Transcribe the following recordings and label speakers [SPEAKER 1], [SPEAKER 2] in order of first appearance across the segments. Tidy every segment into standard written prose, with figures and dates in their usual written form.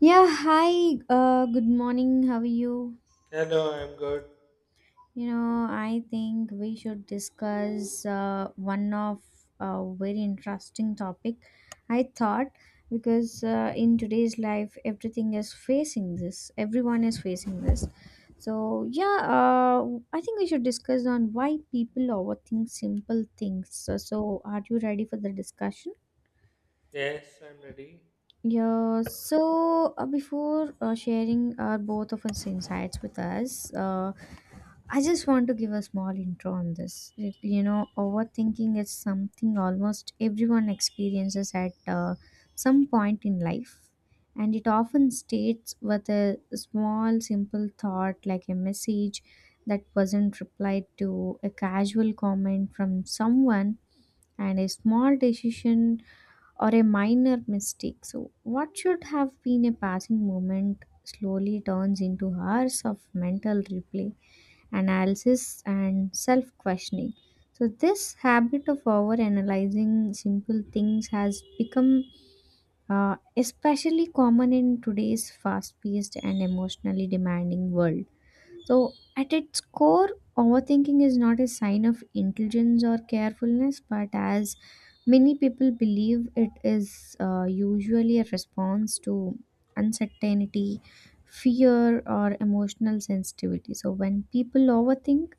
[SPEAKER 1] Yeah, hi. Good morning. How are you?
[SPEAKER 2] Hello, I'm good.
[SPEAKER 1] You know, I think we should discuss one of a very interesting topic. I thought because in today's life, everything is facing this. Everyone is facing this. So yeah, I think we should discuss on why people overthink simple things. So, are you ready for the discussion?
[SPEAKER 2] Yes, I'm ready.
[SPEAKER 1] Yeah, so before Sharing our both of us insights with us, I just want to give a small intro on this. You know, overthinking is something almost everyone experiences at some point in life, and it often states with a small, simple thought like a message that wasn't replied to, a casual comment from someone, and a small decision or a minor mistake. So, what should have been a passing moment slowly turns into hours of mental replay, analysis, and self questioning. So, this habit of over analyzing simple things has become especially common in today's fast paced and emotionally demanding world. So, at its core, overthinking is not a sign of intelligence or carefulness, but as many people believe, it is usually a response to uncertainty, fear, or emotional sensitivity. So, when people overthink,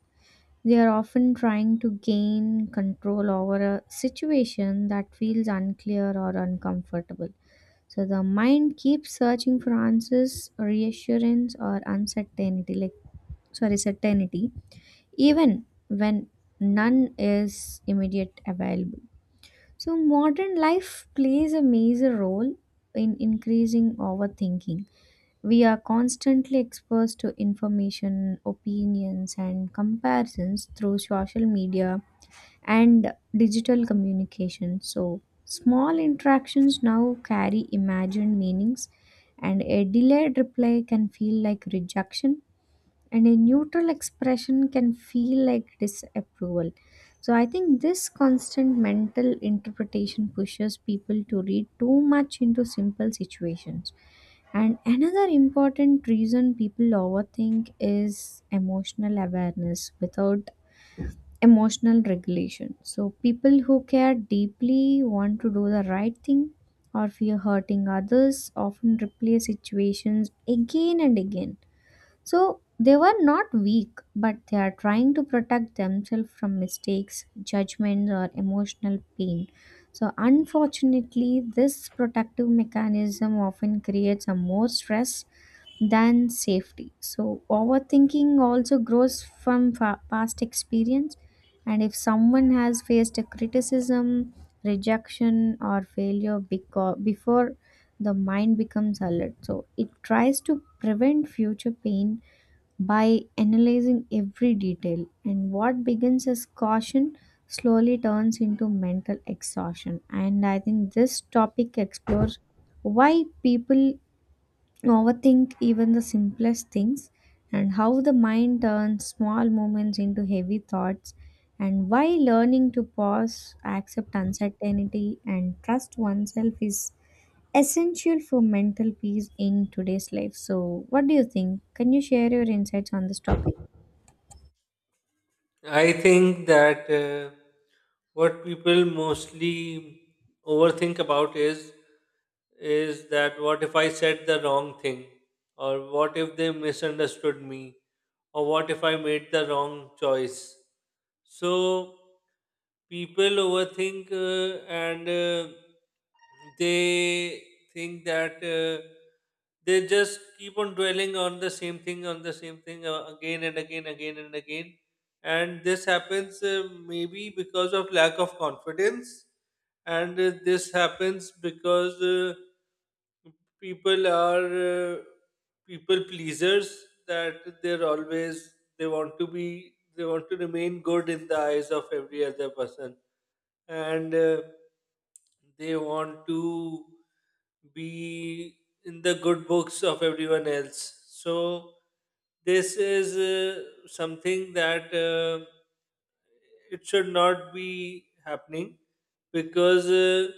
[SPEAKER 1] they are often trying to gain control over a situation that feels unclear or uncomfortable. So the mind keeps searching for answers, reassurance, or uncertainty. Like sorry certainty even when none is immediate available. So modern life plays a major role in increasing overthinking. We are constantly exposed to information, opinions and comparisons through social media and digital communication. So small interactions now carry imagined meanings, and a delayed reply can feel like rejection, and a neutral expression can feel like disapproval. So I think this constant mental interpretation pushes people to read too much into simple situations. And another important reason people overthink is emotional awareness without emotional regulation. So people who care deeply want to do the right thing or fear hurting others often replay situations again and again. So they were not weak, but they are trying to protect themselves from mistakes, judgments, or emotional pain. So, unfortunately, this protective mechanism often creates a more stress than safety. So, overthinking also grows from past experience. And if someone has faced a criticism, rejection, or failure before the mind becomes alert, so it tries to prevent future pain by analyzing every detail, and what begins as caution slowly turns into mental exhaustion. And I think this topic explores why people overthink even the simplest things, and how the mind turns small moments into heavy thoughts, and why learning to pause accept uncertainty and trust oneself is essential for mental peace in today's life. So what do you think? Can you share your insights on this topic?
[SPEAKER 2] I think that what people mostly overthink about is that what if I said the wrong thing, or what if they misunderstood me, or what if I made the wrong choice. So people overthink and they think that they just keep on dwelling on the same thing again and again again and again. And this happens maybe because of lack of confidence, and this happens because people are uh, people pleasers, that they want to remain good in the eyes of every other person, and they want to be in the good books of everyone else. So this is something that it should not be happening because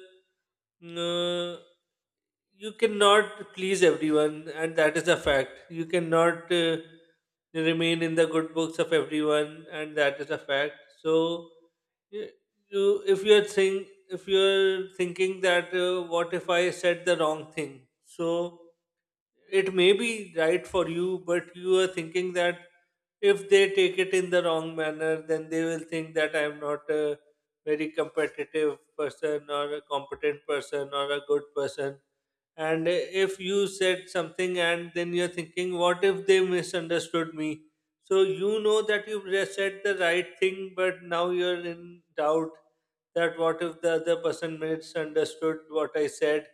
[SPEAKER 2] uh, you cannot please everyone, and that is a fact. You cannot remain in the good books of everyone, and that is a fact. So, you, you if you're think if you're thinking that what if I said the wrong thing, so it may be right for you, but you are thinking that if they take it in the wrong manner, then they will think that I'm not a very competitive person, or a competent person, or a good person. And if you said something and then you're thinking, what if they misunderstood me? So you know that you've just said the right thing, but now you're in doubt that what if the other person misunderstood what I said.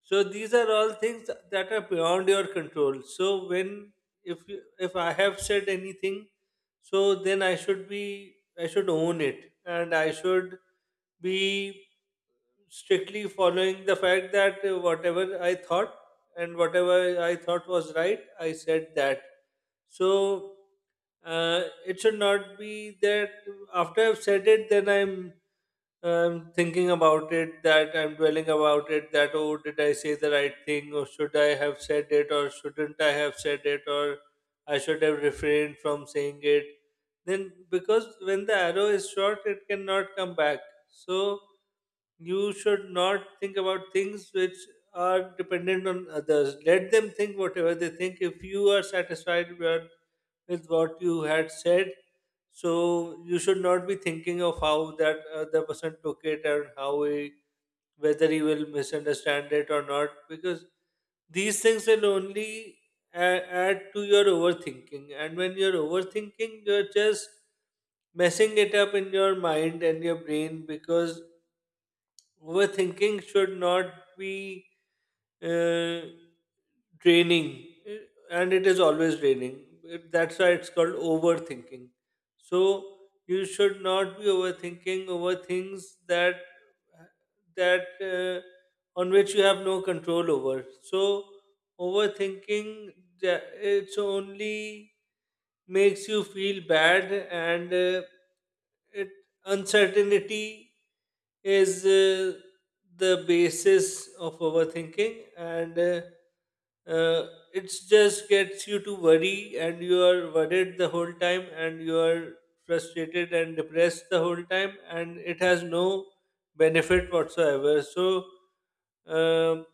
[SPEAKER 2] So these are all things that are beyond your control. So when if you, if I have said anything, so then I should own it and I should be strictly following the fact that whatever I thought and whatever I thought was right, I said that. So it should not be that after I've said it, then I'm thinking about it, that I'm dwelling about it, that oh, did I say the right thing, or should I have said it, or shouldn't I have said it, or I should have refrained from saying it. Then, because when the arrow is shot, it cannot come back. So, you should not think about things which are dependent on others. Let them think whatever they think. If you are satisfied with what you had said, so you should not be thinking of how that other person took it, and how he, whether he will misunderstand it or not, because these things will only add to your overthinking. And when you're overthinking, you're just messing it up in your mind and your brain, because overthinking should not be uh, draining, and it is always draining. That's why it's called overthinking. So you should not be overthinking over things that that uh, on which you have no control over. So overthinking, ja- it's only makes you feel bad. And it, uncertainty is the basis of overthinking, and uh, it just gets you to worry, and you are worried the whole time, and you are frustrated and depressed the whole time, and it has no benefit whatsoever. So um,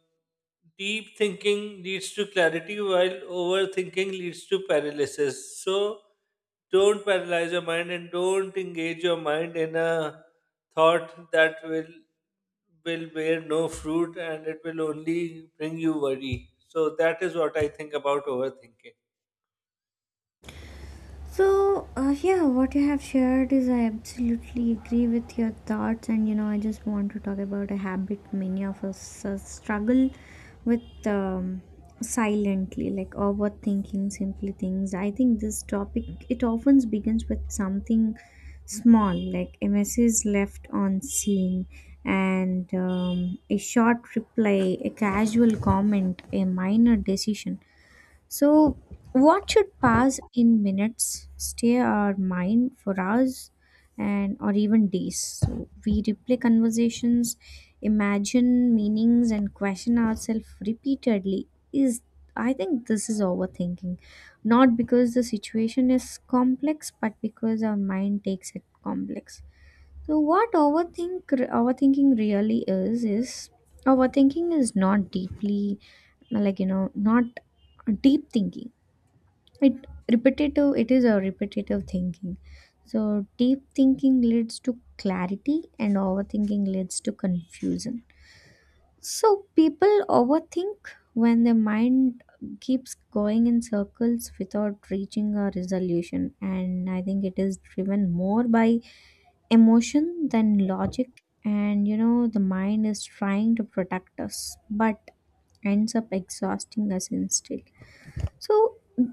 [SPEAKER 2] deep thinking leads to clarity while overthinking leads to paralysis. So don't paralyze your mind, and don't engage your mind in a thought that will bear no fruit, and it will only bring you worry. So that is what I think about overthinking.
[SPEAKER 1] So, yeah, what you have shared is I absolutely agree with your thoughts, and you know, I just want to talk about a habit many of us struggle with silently, like overthinking simple things. I think this topic it often begins with something small, like a message left on scene, and a short reply, a casual comment, a minor decision. So, what should pass in minutes, stay our mind for hours, and or even days? So, we replay conversations, imagine meanings, and question ourselves repeatedly. Is I think this is overthinking, not because the situation is complex, but because our mind takes it complex. So what overthinking really is overthinking is not deeply like you know not deep thinking. It repetitive it is a repetitive thinking. So deep thinking leads to clarity and overthinking leads to confusion. So people overthink when their mind keeps going in circles without reaching a resolution, and I think it is driven more by emotion than logic, and you know the mind is trying to protect us but ends up exhausting us instead. So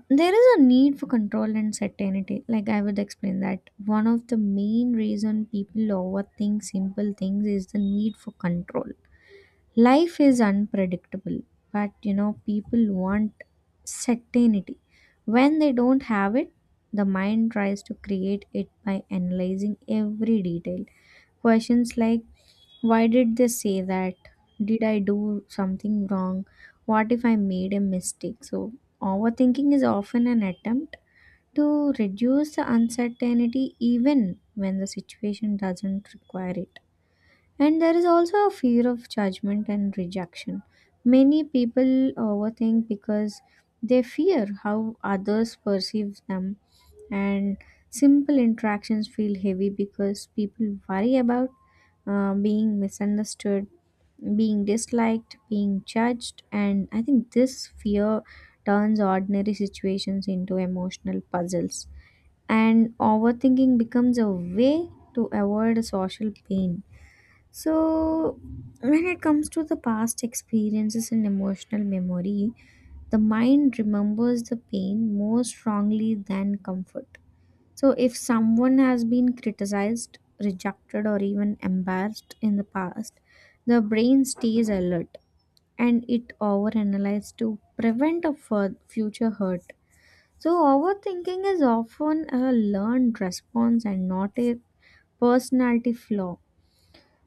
[SPEAKER 1] there is a need for control and certainty. Like I would explain that one of the main reason people overthink simple things is the need for control. Life is unpredictable, but you know, people want certainty. When they don't have it, the mind tries to create it by analyzing every detail. Questions like why did they say that? Did I do something wrong? What if I made a mistake? So, overthinking is often an attempt to reduce the uncertainty even when the situation doesn't require it. And there is also a fear of judgment and rejection. Many people overthink because they fear how others perceive them, and simple interactions feel heavy because people worry about being misunderstood, being disliked, being judged, and I think this fear turns ordinary situations into emotional puzzles. And overthinking becomes a way to avoid social pain. So, when it comes to the past experiences and emotional memory, the mind remembers the pain more strongly than comfort. So, if someone has been criticized, rejected, or even embarrassed in the past, the brain stays alert and it overanalyzes to prevent a future hurt. So, overthinking is often a learned response and not a personality flaw.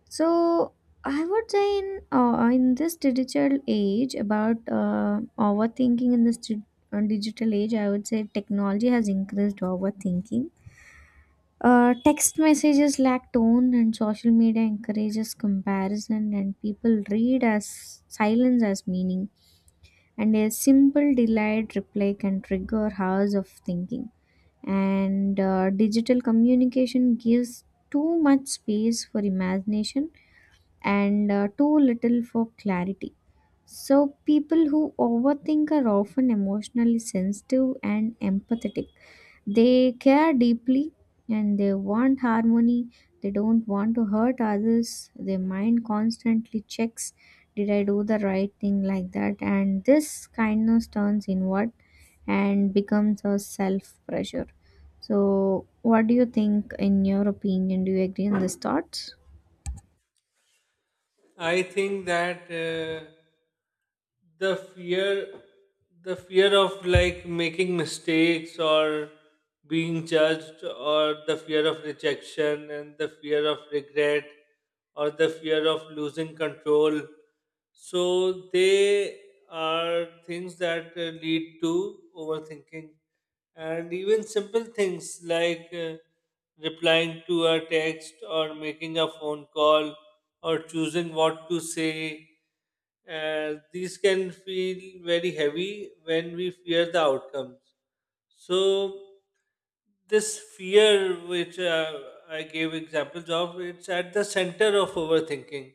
[SPEAKER 1] So I would say in this digital age about overthinking in this digital age, I would say technology has increased overthinking. Text messages lack tone, and social media encourages comparison, and people read as silence as meaning. And a simple delayed reply can trigger hours of thinking. And digital communication gives too much space for imagination and too little for clarity. So, people who overthink are often emotionally sensitive and empathetic. They care deeply and they want harmony. They don't want to hurt others. Their mind constantly checks did I do the right thing like that? And this kindness turns inward and becomes a self pressure. So, what do you think, in your opinion? Do you agree on these thoughts?
[SPEAKER 2] I think that the fear, the fear of like making mistakes, or being judged, or the fear of rejection, and the fear of regret, or the fear of losing control. So they are things that lead to overthinking. And even simple things like replying to a text, or making a phone call, or choosing what to say, these can feel very heavy when we fear the outcomes. So this fear, which I gave examples of, it's at the center of overthinking.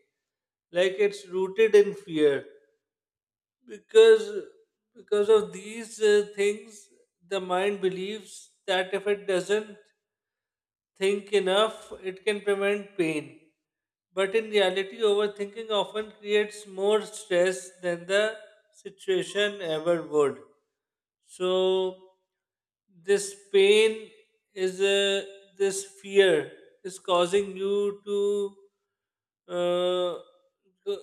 [SPEAKER 2] Like it's rooted in fear, because because of these things, the mind believes that if it doesn't think enough, it can prevent pain. But in reality, overthinking often creates more stress than the situation ever would. So, this pain is a, this fear is causing you to uh,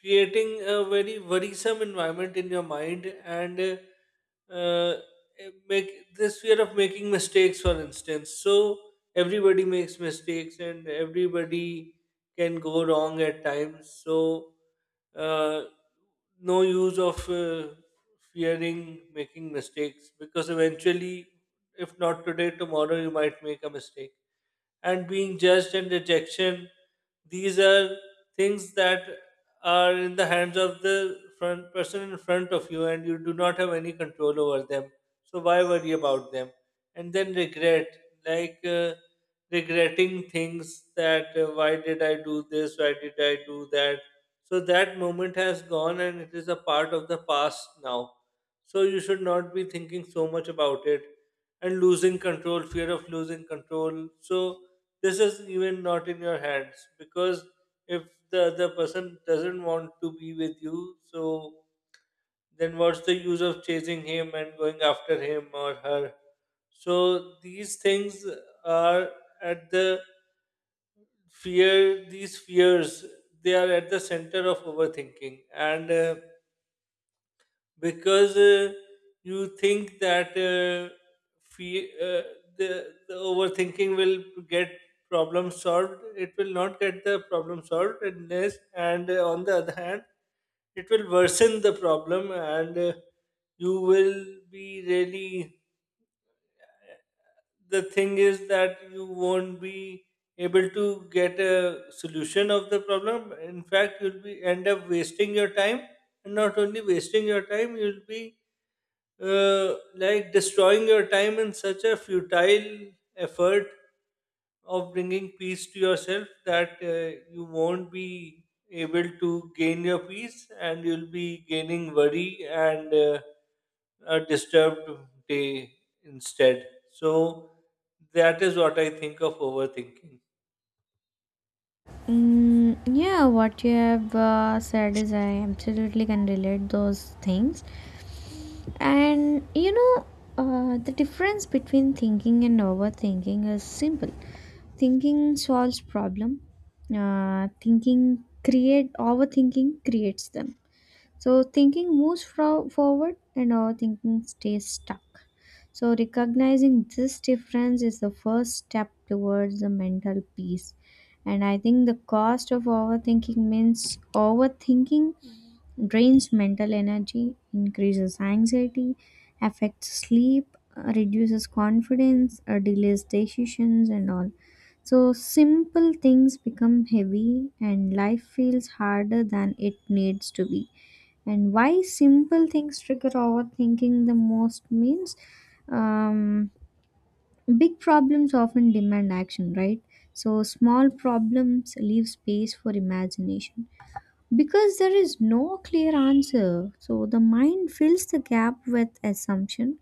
[SPEAKER 2] creating a very worrisome environment in your mind. And make this fear of making mistakes, for instance. So everybody makes mistakes, and everybody can go wrong at times. So uh, no use of fearing making mistakes, because eventually, if not today, tomorrow you might make a mistake. And being judged and rejection, these are things that are in the hands of the front person in front of you, and you do not have any control over them. So why worry about them? And then regret, like. Uh, regretting things that why did I do this, why did I do that. So that moment has gone, and it is a part of the past now. So you should not be thinking so much about it. And losing control, fear of losing control. So this is even not in your hands, because if the other person doesn't want to be with you, so then what's the use of chasing him and going after him or her? So these things are at these fears, they are at the center of overthinking. And because you think that fe- uh, the overthinking will get problem solved. It will not get the problem solved, and yes, and on the other hand it will worsen the problem. And you will be really, the thing is that you won't be able to get a solution of the problem. In fact, you'll be end up wasting your time, and not only wasting your time, you'll be like destroying your time in such a futile effort of bringing peace to yourself, that you won't be able to gain your peace, and you'll be gaining worry, and a disturbed day instead. So, that is what I think of overthinking.
[SPEAKER 1] Mm, yeah, what you have said is I absolutely can relate those things. And you know, the difference between thinking and overthinking is simple. Thinking solves problem. Thinking create Overthinking creates them. So thinking moves forward and overthinking stays stuck. So, recognizing this difference is the first step towards the mental peace. And I think the cost of overthinking means overthinking drains mental energy, increases anxiety, affects sleep, reduces confidence, delays decisions, and all. So, simple things become heavy, and life feels harder than it needs to be. And why simple things trigger overthinking the most means um, big problems often demand action right? So small problems leave space for imagination because there is no clear answer, so the mind fills the gap with assumption,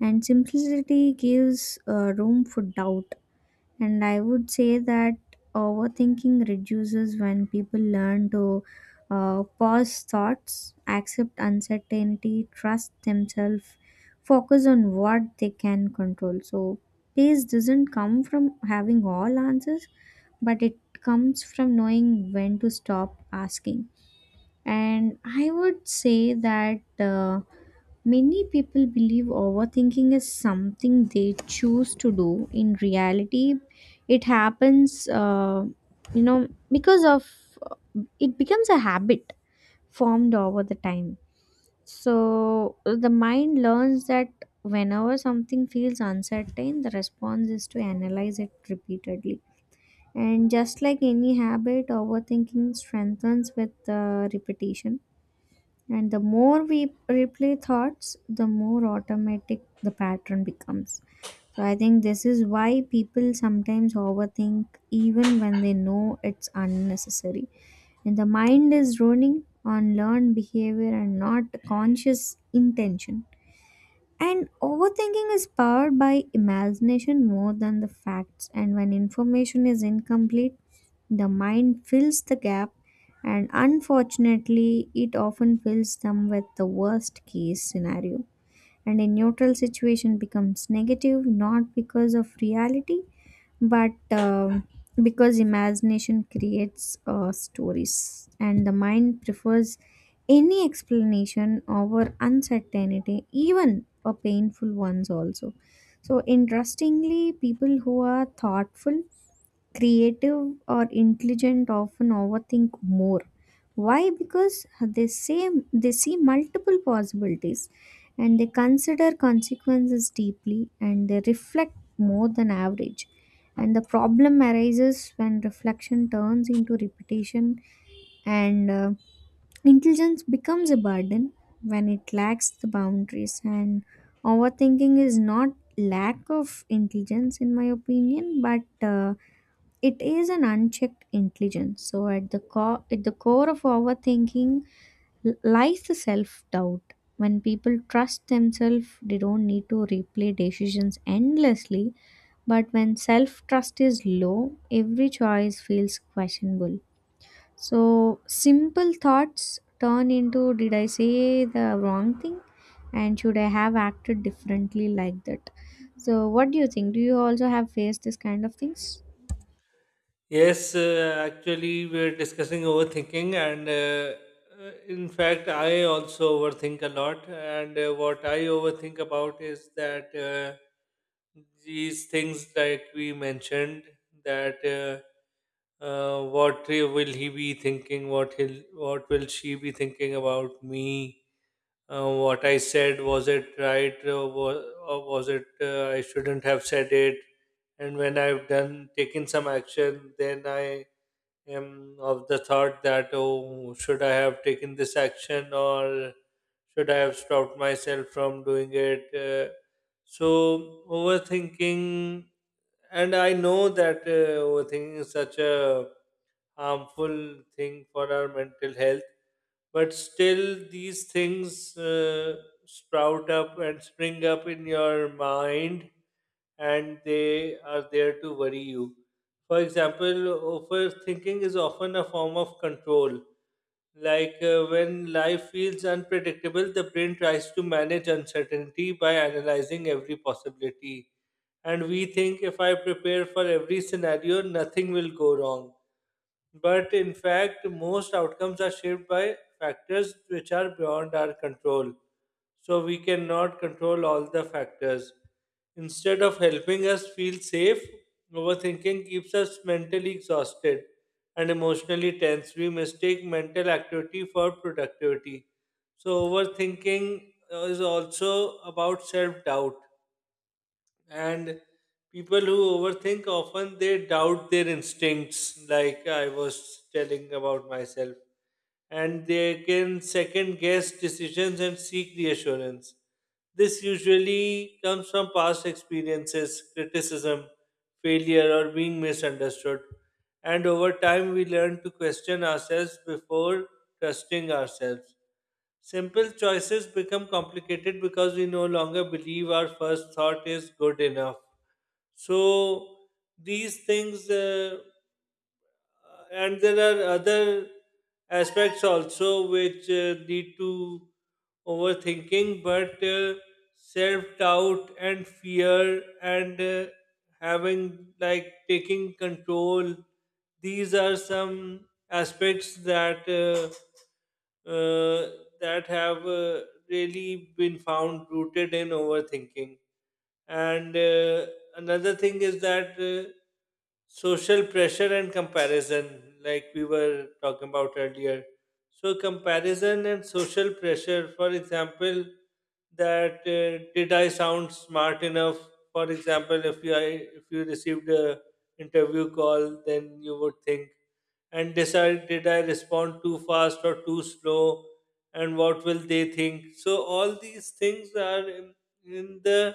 [SPEAKER 1] and simplicity gives room for doubt. And I would say that overthinking reduces when people learn to pause thoughts, accept uncertainty, trust themselves, focus on what they can control. So, peace doesn't come from having all answers, but it comes from knowing when to stop asking. And I would say that. Many people believe overthinking is something they choose to do. In reality, it happens, you know, because of it becomes a habit formed over the time. So the mind learns that whenever something feels uncertain, the response is to analyze it repeatedly. And just like any habit, overthinking strengthens with repetition, and the more we replay thoughts, the more automatic the pattern becomes. So I think this is why people sometimes overthink even when they know it's unnecessary. And the mind is running on learned behavior and not conscious intention. And overthinking is powered by imagination more than the facts. And when information is incomplete, the mind fills the gap, and unfortunately, it often fills them with the worst case scenario. And a neutral situation becomes negative not because of reality, but because imagination creates stories, and the mind prefers any explanation over uncertainty, even a painful ones also. So interestingly, people who are thoughtful creative or intelligent often overthink more. Why? Because they say they see multiple possibilities, and they consider consequences deeply, and they reflect more than average, and the problem arises when reflection turns into repetition, and intelligence becomes a burden when it lacks the boundaries, and overthinking is not lack of intelligence in my opinion, but it is an unchecked intelligence. So at the core of overthinking lies the self-doubt. When people trust themselves, they don't need to replay decisions endlessly. But when self-trust is low, every choice feels questionable. So simple thoughts turn into did I say the wrong thing? And should I have acted differently like that? So what do you think? Do you also have faced this kind of things?
[SPEAKER 2] Yes, actually, we're discussing overthinking, and in fact, I also overthink a lot. And what I overthink about is that these things, like we mentioned, that what will he be thinking? What will she be thinking about me? Uh, what I said, was it right, or was it, I shouldn't have said it. And when I've done taken some action, then I am of the thought that oh, should I have taken this action, or should I have stopped myself from doing it. So overthinking, and I know that overthinking is such a harmful thing for our mental health, but still these things sprout up and spring up in your mind, and they are there to worry you. For example, overthinking is often a form of control. Like when life feels unpredictable, the brain tries to manage uncertainty by analyzing every possibility, and we think if I prepare for every scenario, nothing will go wrong. But in fact, most outcomes are shaped by factors which are beyond our control. So we cannot control all the factors. Instead of helping us feel safe, overthinking keeps us mentally exhausted and emotionally tense. We mistake mental activity for productivity. So overthinking is also about self doubt, and people who overthink often, they doubt their instincts, like I was telling about myself. And they can second guess decisions and seek reassurance. This usually comes from past experiences, criticism, failure, or being misunderstood. And over time we learn to question ourselves before trusting ourselves. Simple choices become complicated because we no longer believe our first thought is good enough. So these things, and there are other aspects also which lead to overthinking, but self doubt, and fear, and having like taking control. These are some aspects that uh, that have really been found rooted in overthinking. And another thing is that. Social pressure and comparison, like we were talking about earlier. So comparison and social pressure, for example, that did I sound smart enough? For example, if if you received a interview call, then you would think and decide, did I respond too fast or too slow, and what will they think. So all these things are in the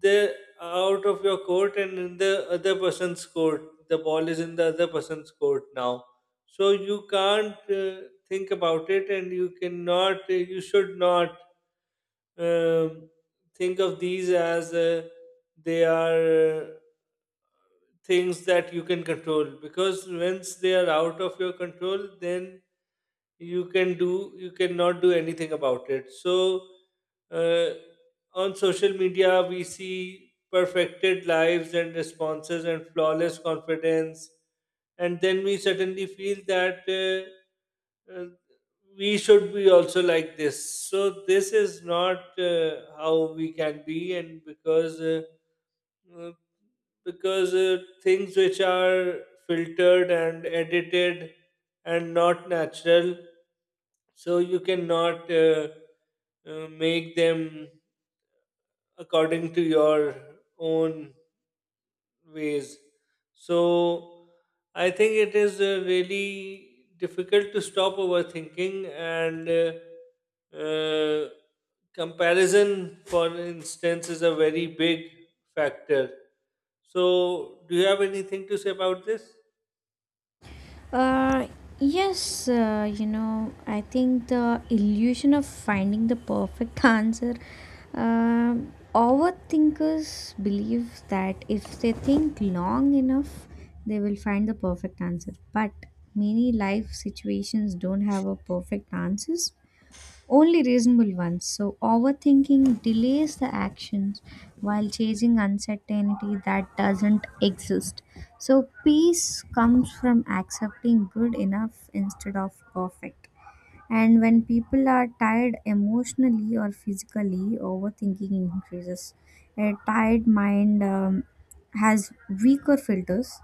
[SPEAKER 2] the out of your court, and in the other person's court. The ball is in the other person's court now. So you can't think about it, and you should not um, think of these as they are things that you can control, because once they are out of your control, then you cannot do anything about it. So uh, on social media we see perfected lives and responses and flawless confidence, and then we suddenly feel that uh, we should be also like this. So this is not how we can be, and because uh, things which are filtered and edited and not natural, so you cannot make them according to your own ways. So I think it is really difficult to stop overthinking, and comparison, for instance, is a very big factor. So, do you have anything to say about this?
[SPEAKER 1] Uh, yes, you know, I think the illusion of finding the perfect answer. Overthinkers believe that if they think long enough, they will find the perfect answer. But many life situations don't have a perfect answers, only reasonable ones. So, overthinking delays the actions while chasing uncertainty that doesn't exist. So, peace comes from accepting good enough instead of perfect. And when people are tired emotionally or physically, overthinking increases. A tired mind has weaker filters.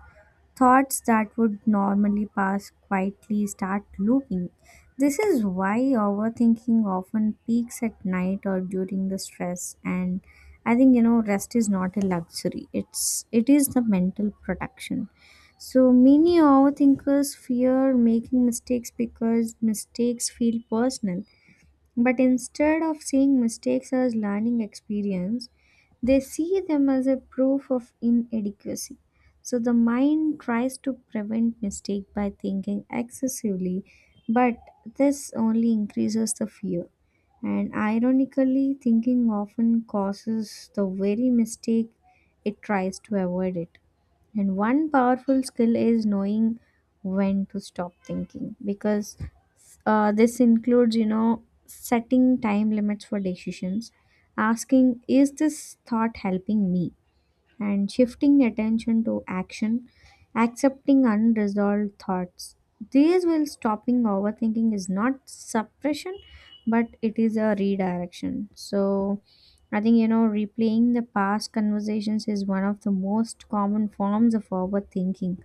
[SPEAKER 1] Thoughts that would normally pass quietly start looping. This is why overthinking often peaks at night or during the stress. And I think you know rest is not a luxury. It is the mental protection. So many overthinkers fear making mistakes because mistakes feel personal, but instead of seeing mistakes as learning experience, they see them as a proof of inadequacy. So the mind tries to prevent mistake by thinking excessively, but this only increases the fear. And ironically, thinking often causes the very mistake it tries to avoid it. And one powerful skill is knowing when to stop thinking because this includes, you know, setting time limits for decisions, asking, is this thought helping me? And shifting attention to action, accepting unresolved thoughts. These will stopping overthinking is not suppression, but it is a redirection. So I think, you know, replaying the past conversations is one of the most common forms of overthinking,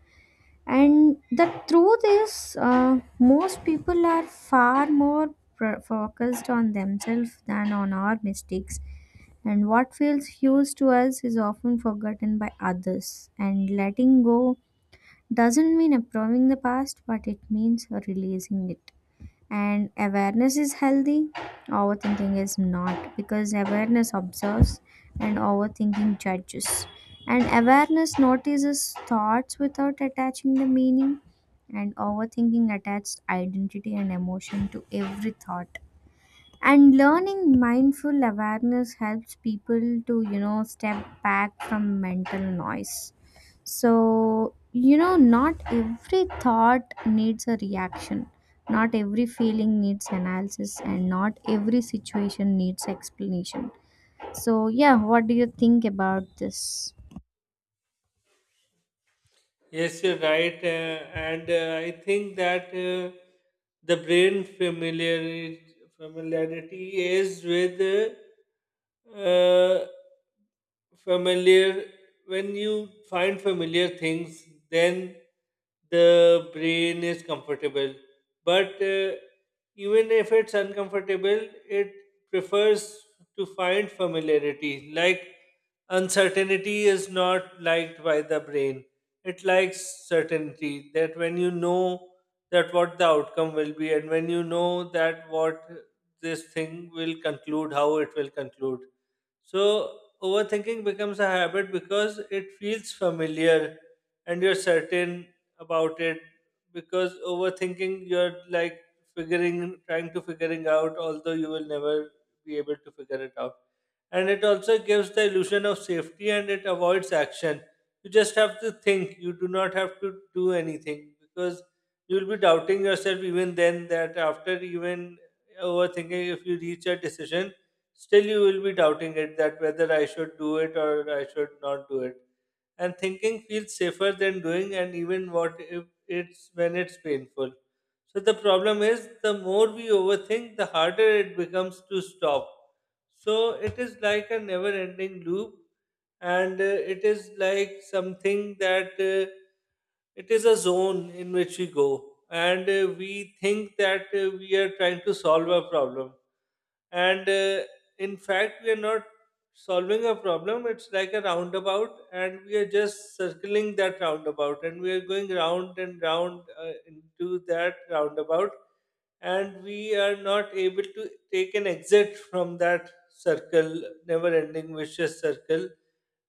[SPEAKER 1] and the truth is most people are far more focused on themselves than on our mistakes, and what feels huge to us is often forgotten by others, and letting go doesn't mean approving the past but it means releasing it. And awareness is healthy. Overthinking is not because awareness observes and overthinking judges, and awareness notices thoughts without attaching the meaning, and overthinking attaches identity and emotion to every thought, and learning mindful awareness helps people to you know step back from mental noise. So you know not every thought needs a reaction, not every feeling needs analysis, and not every situation needs explanation. So yeah, what do you think about this?
[SPEAKER 2] Yes, you're right. And I think that the brain familiarity, familiarity is with familiar, when you find familiar things, then the brain is comfortable. But even if it's uncomfortable, it prefers to find familiarity. Like uncertainty is not liked by the brain. It likes certainty, that when you know that what the outcome will be, and when you know that what this thing will conclude, how it will conclude. So overthinking becomes a habit because it feels familiar, and you're certain about it, because overthinking you're like figuring trying to figuring out, although you will never be able to figure it out. And it also gives the illusion of safety, and it avoids action. You just have to think. You do not have to do anything, because you'll be doubting yourself even then, that after even overthinking, if you reach a decision, still you will be doubting it, that whether I should do it or I should not do it. And thinking feels safer than doing, and even what if it's when it's painful. So the problem is the more we overthink, the harder it becomes to stop. So it is like a never ending loop, and it is like something that it is a zone in which we go, and we think that we are trying to solve a problem, and in fact we are not solving a problem. It's like a roundabout, and we are just circling that roundabout, and we are going round and round into that roundabout, and we are not able to take an exit from that circle, never ending vicious circle.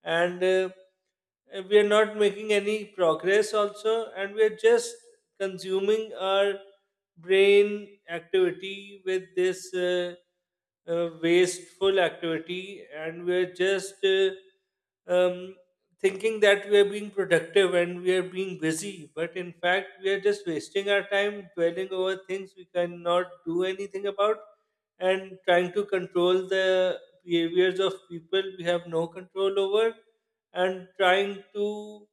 [SPEAKER 2] And we are not making any progress also, and we are just consuming our brain activity with this wasteful activity, and we are just um, thinking that we are being productive and we are being busy, but in fact we are just wasting our time, dwelling over things we cannot do anything about, and trying to control the behaviors of people we have no control over, and trying to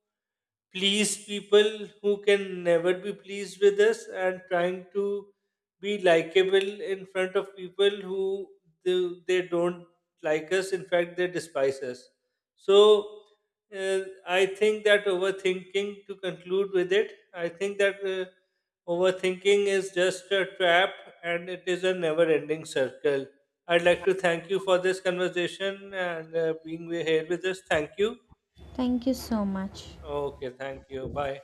[SPEAKER 2] please people who can never be pleased with us, and trying to be likable in front of people who they don't like us, in fact they despise us. So uh, I think that overthinking, to conclude with it, I think that overthinking is just a trap, and it is a never ending circle. I'd like to thank you for this conversation, and being here with us. Thank you.
[SPEAKER 1] Thank you so much.
[SPEAKER 2] Okay, thank you. Bye.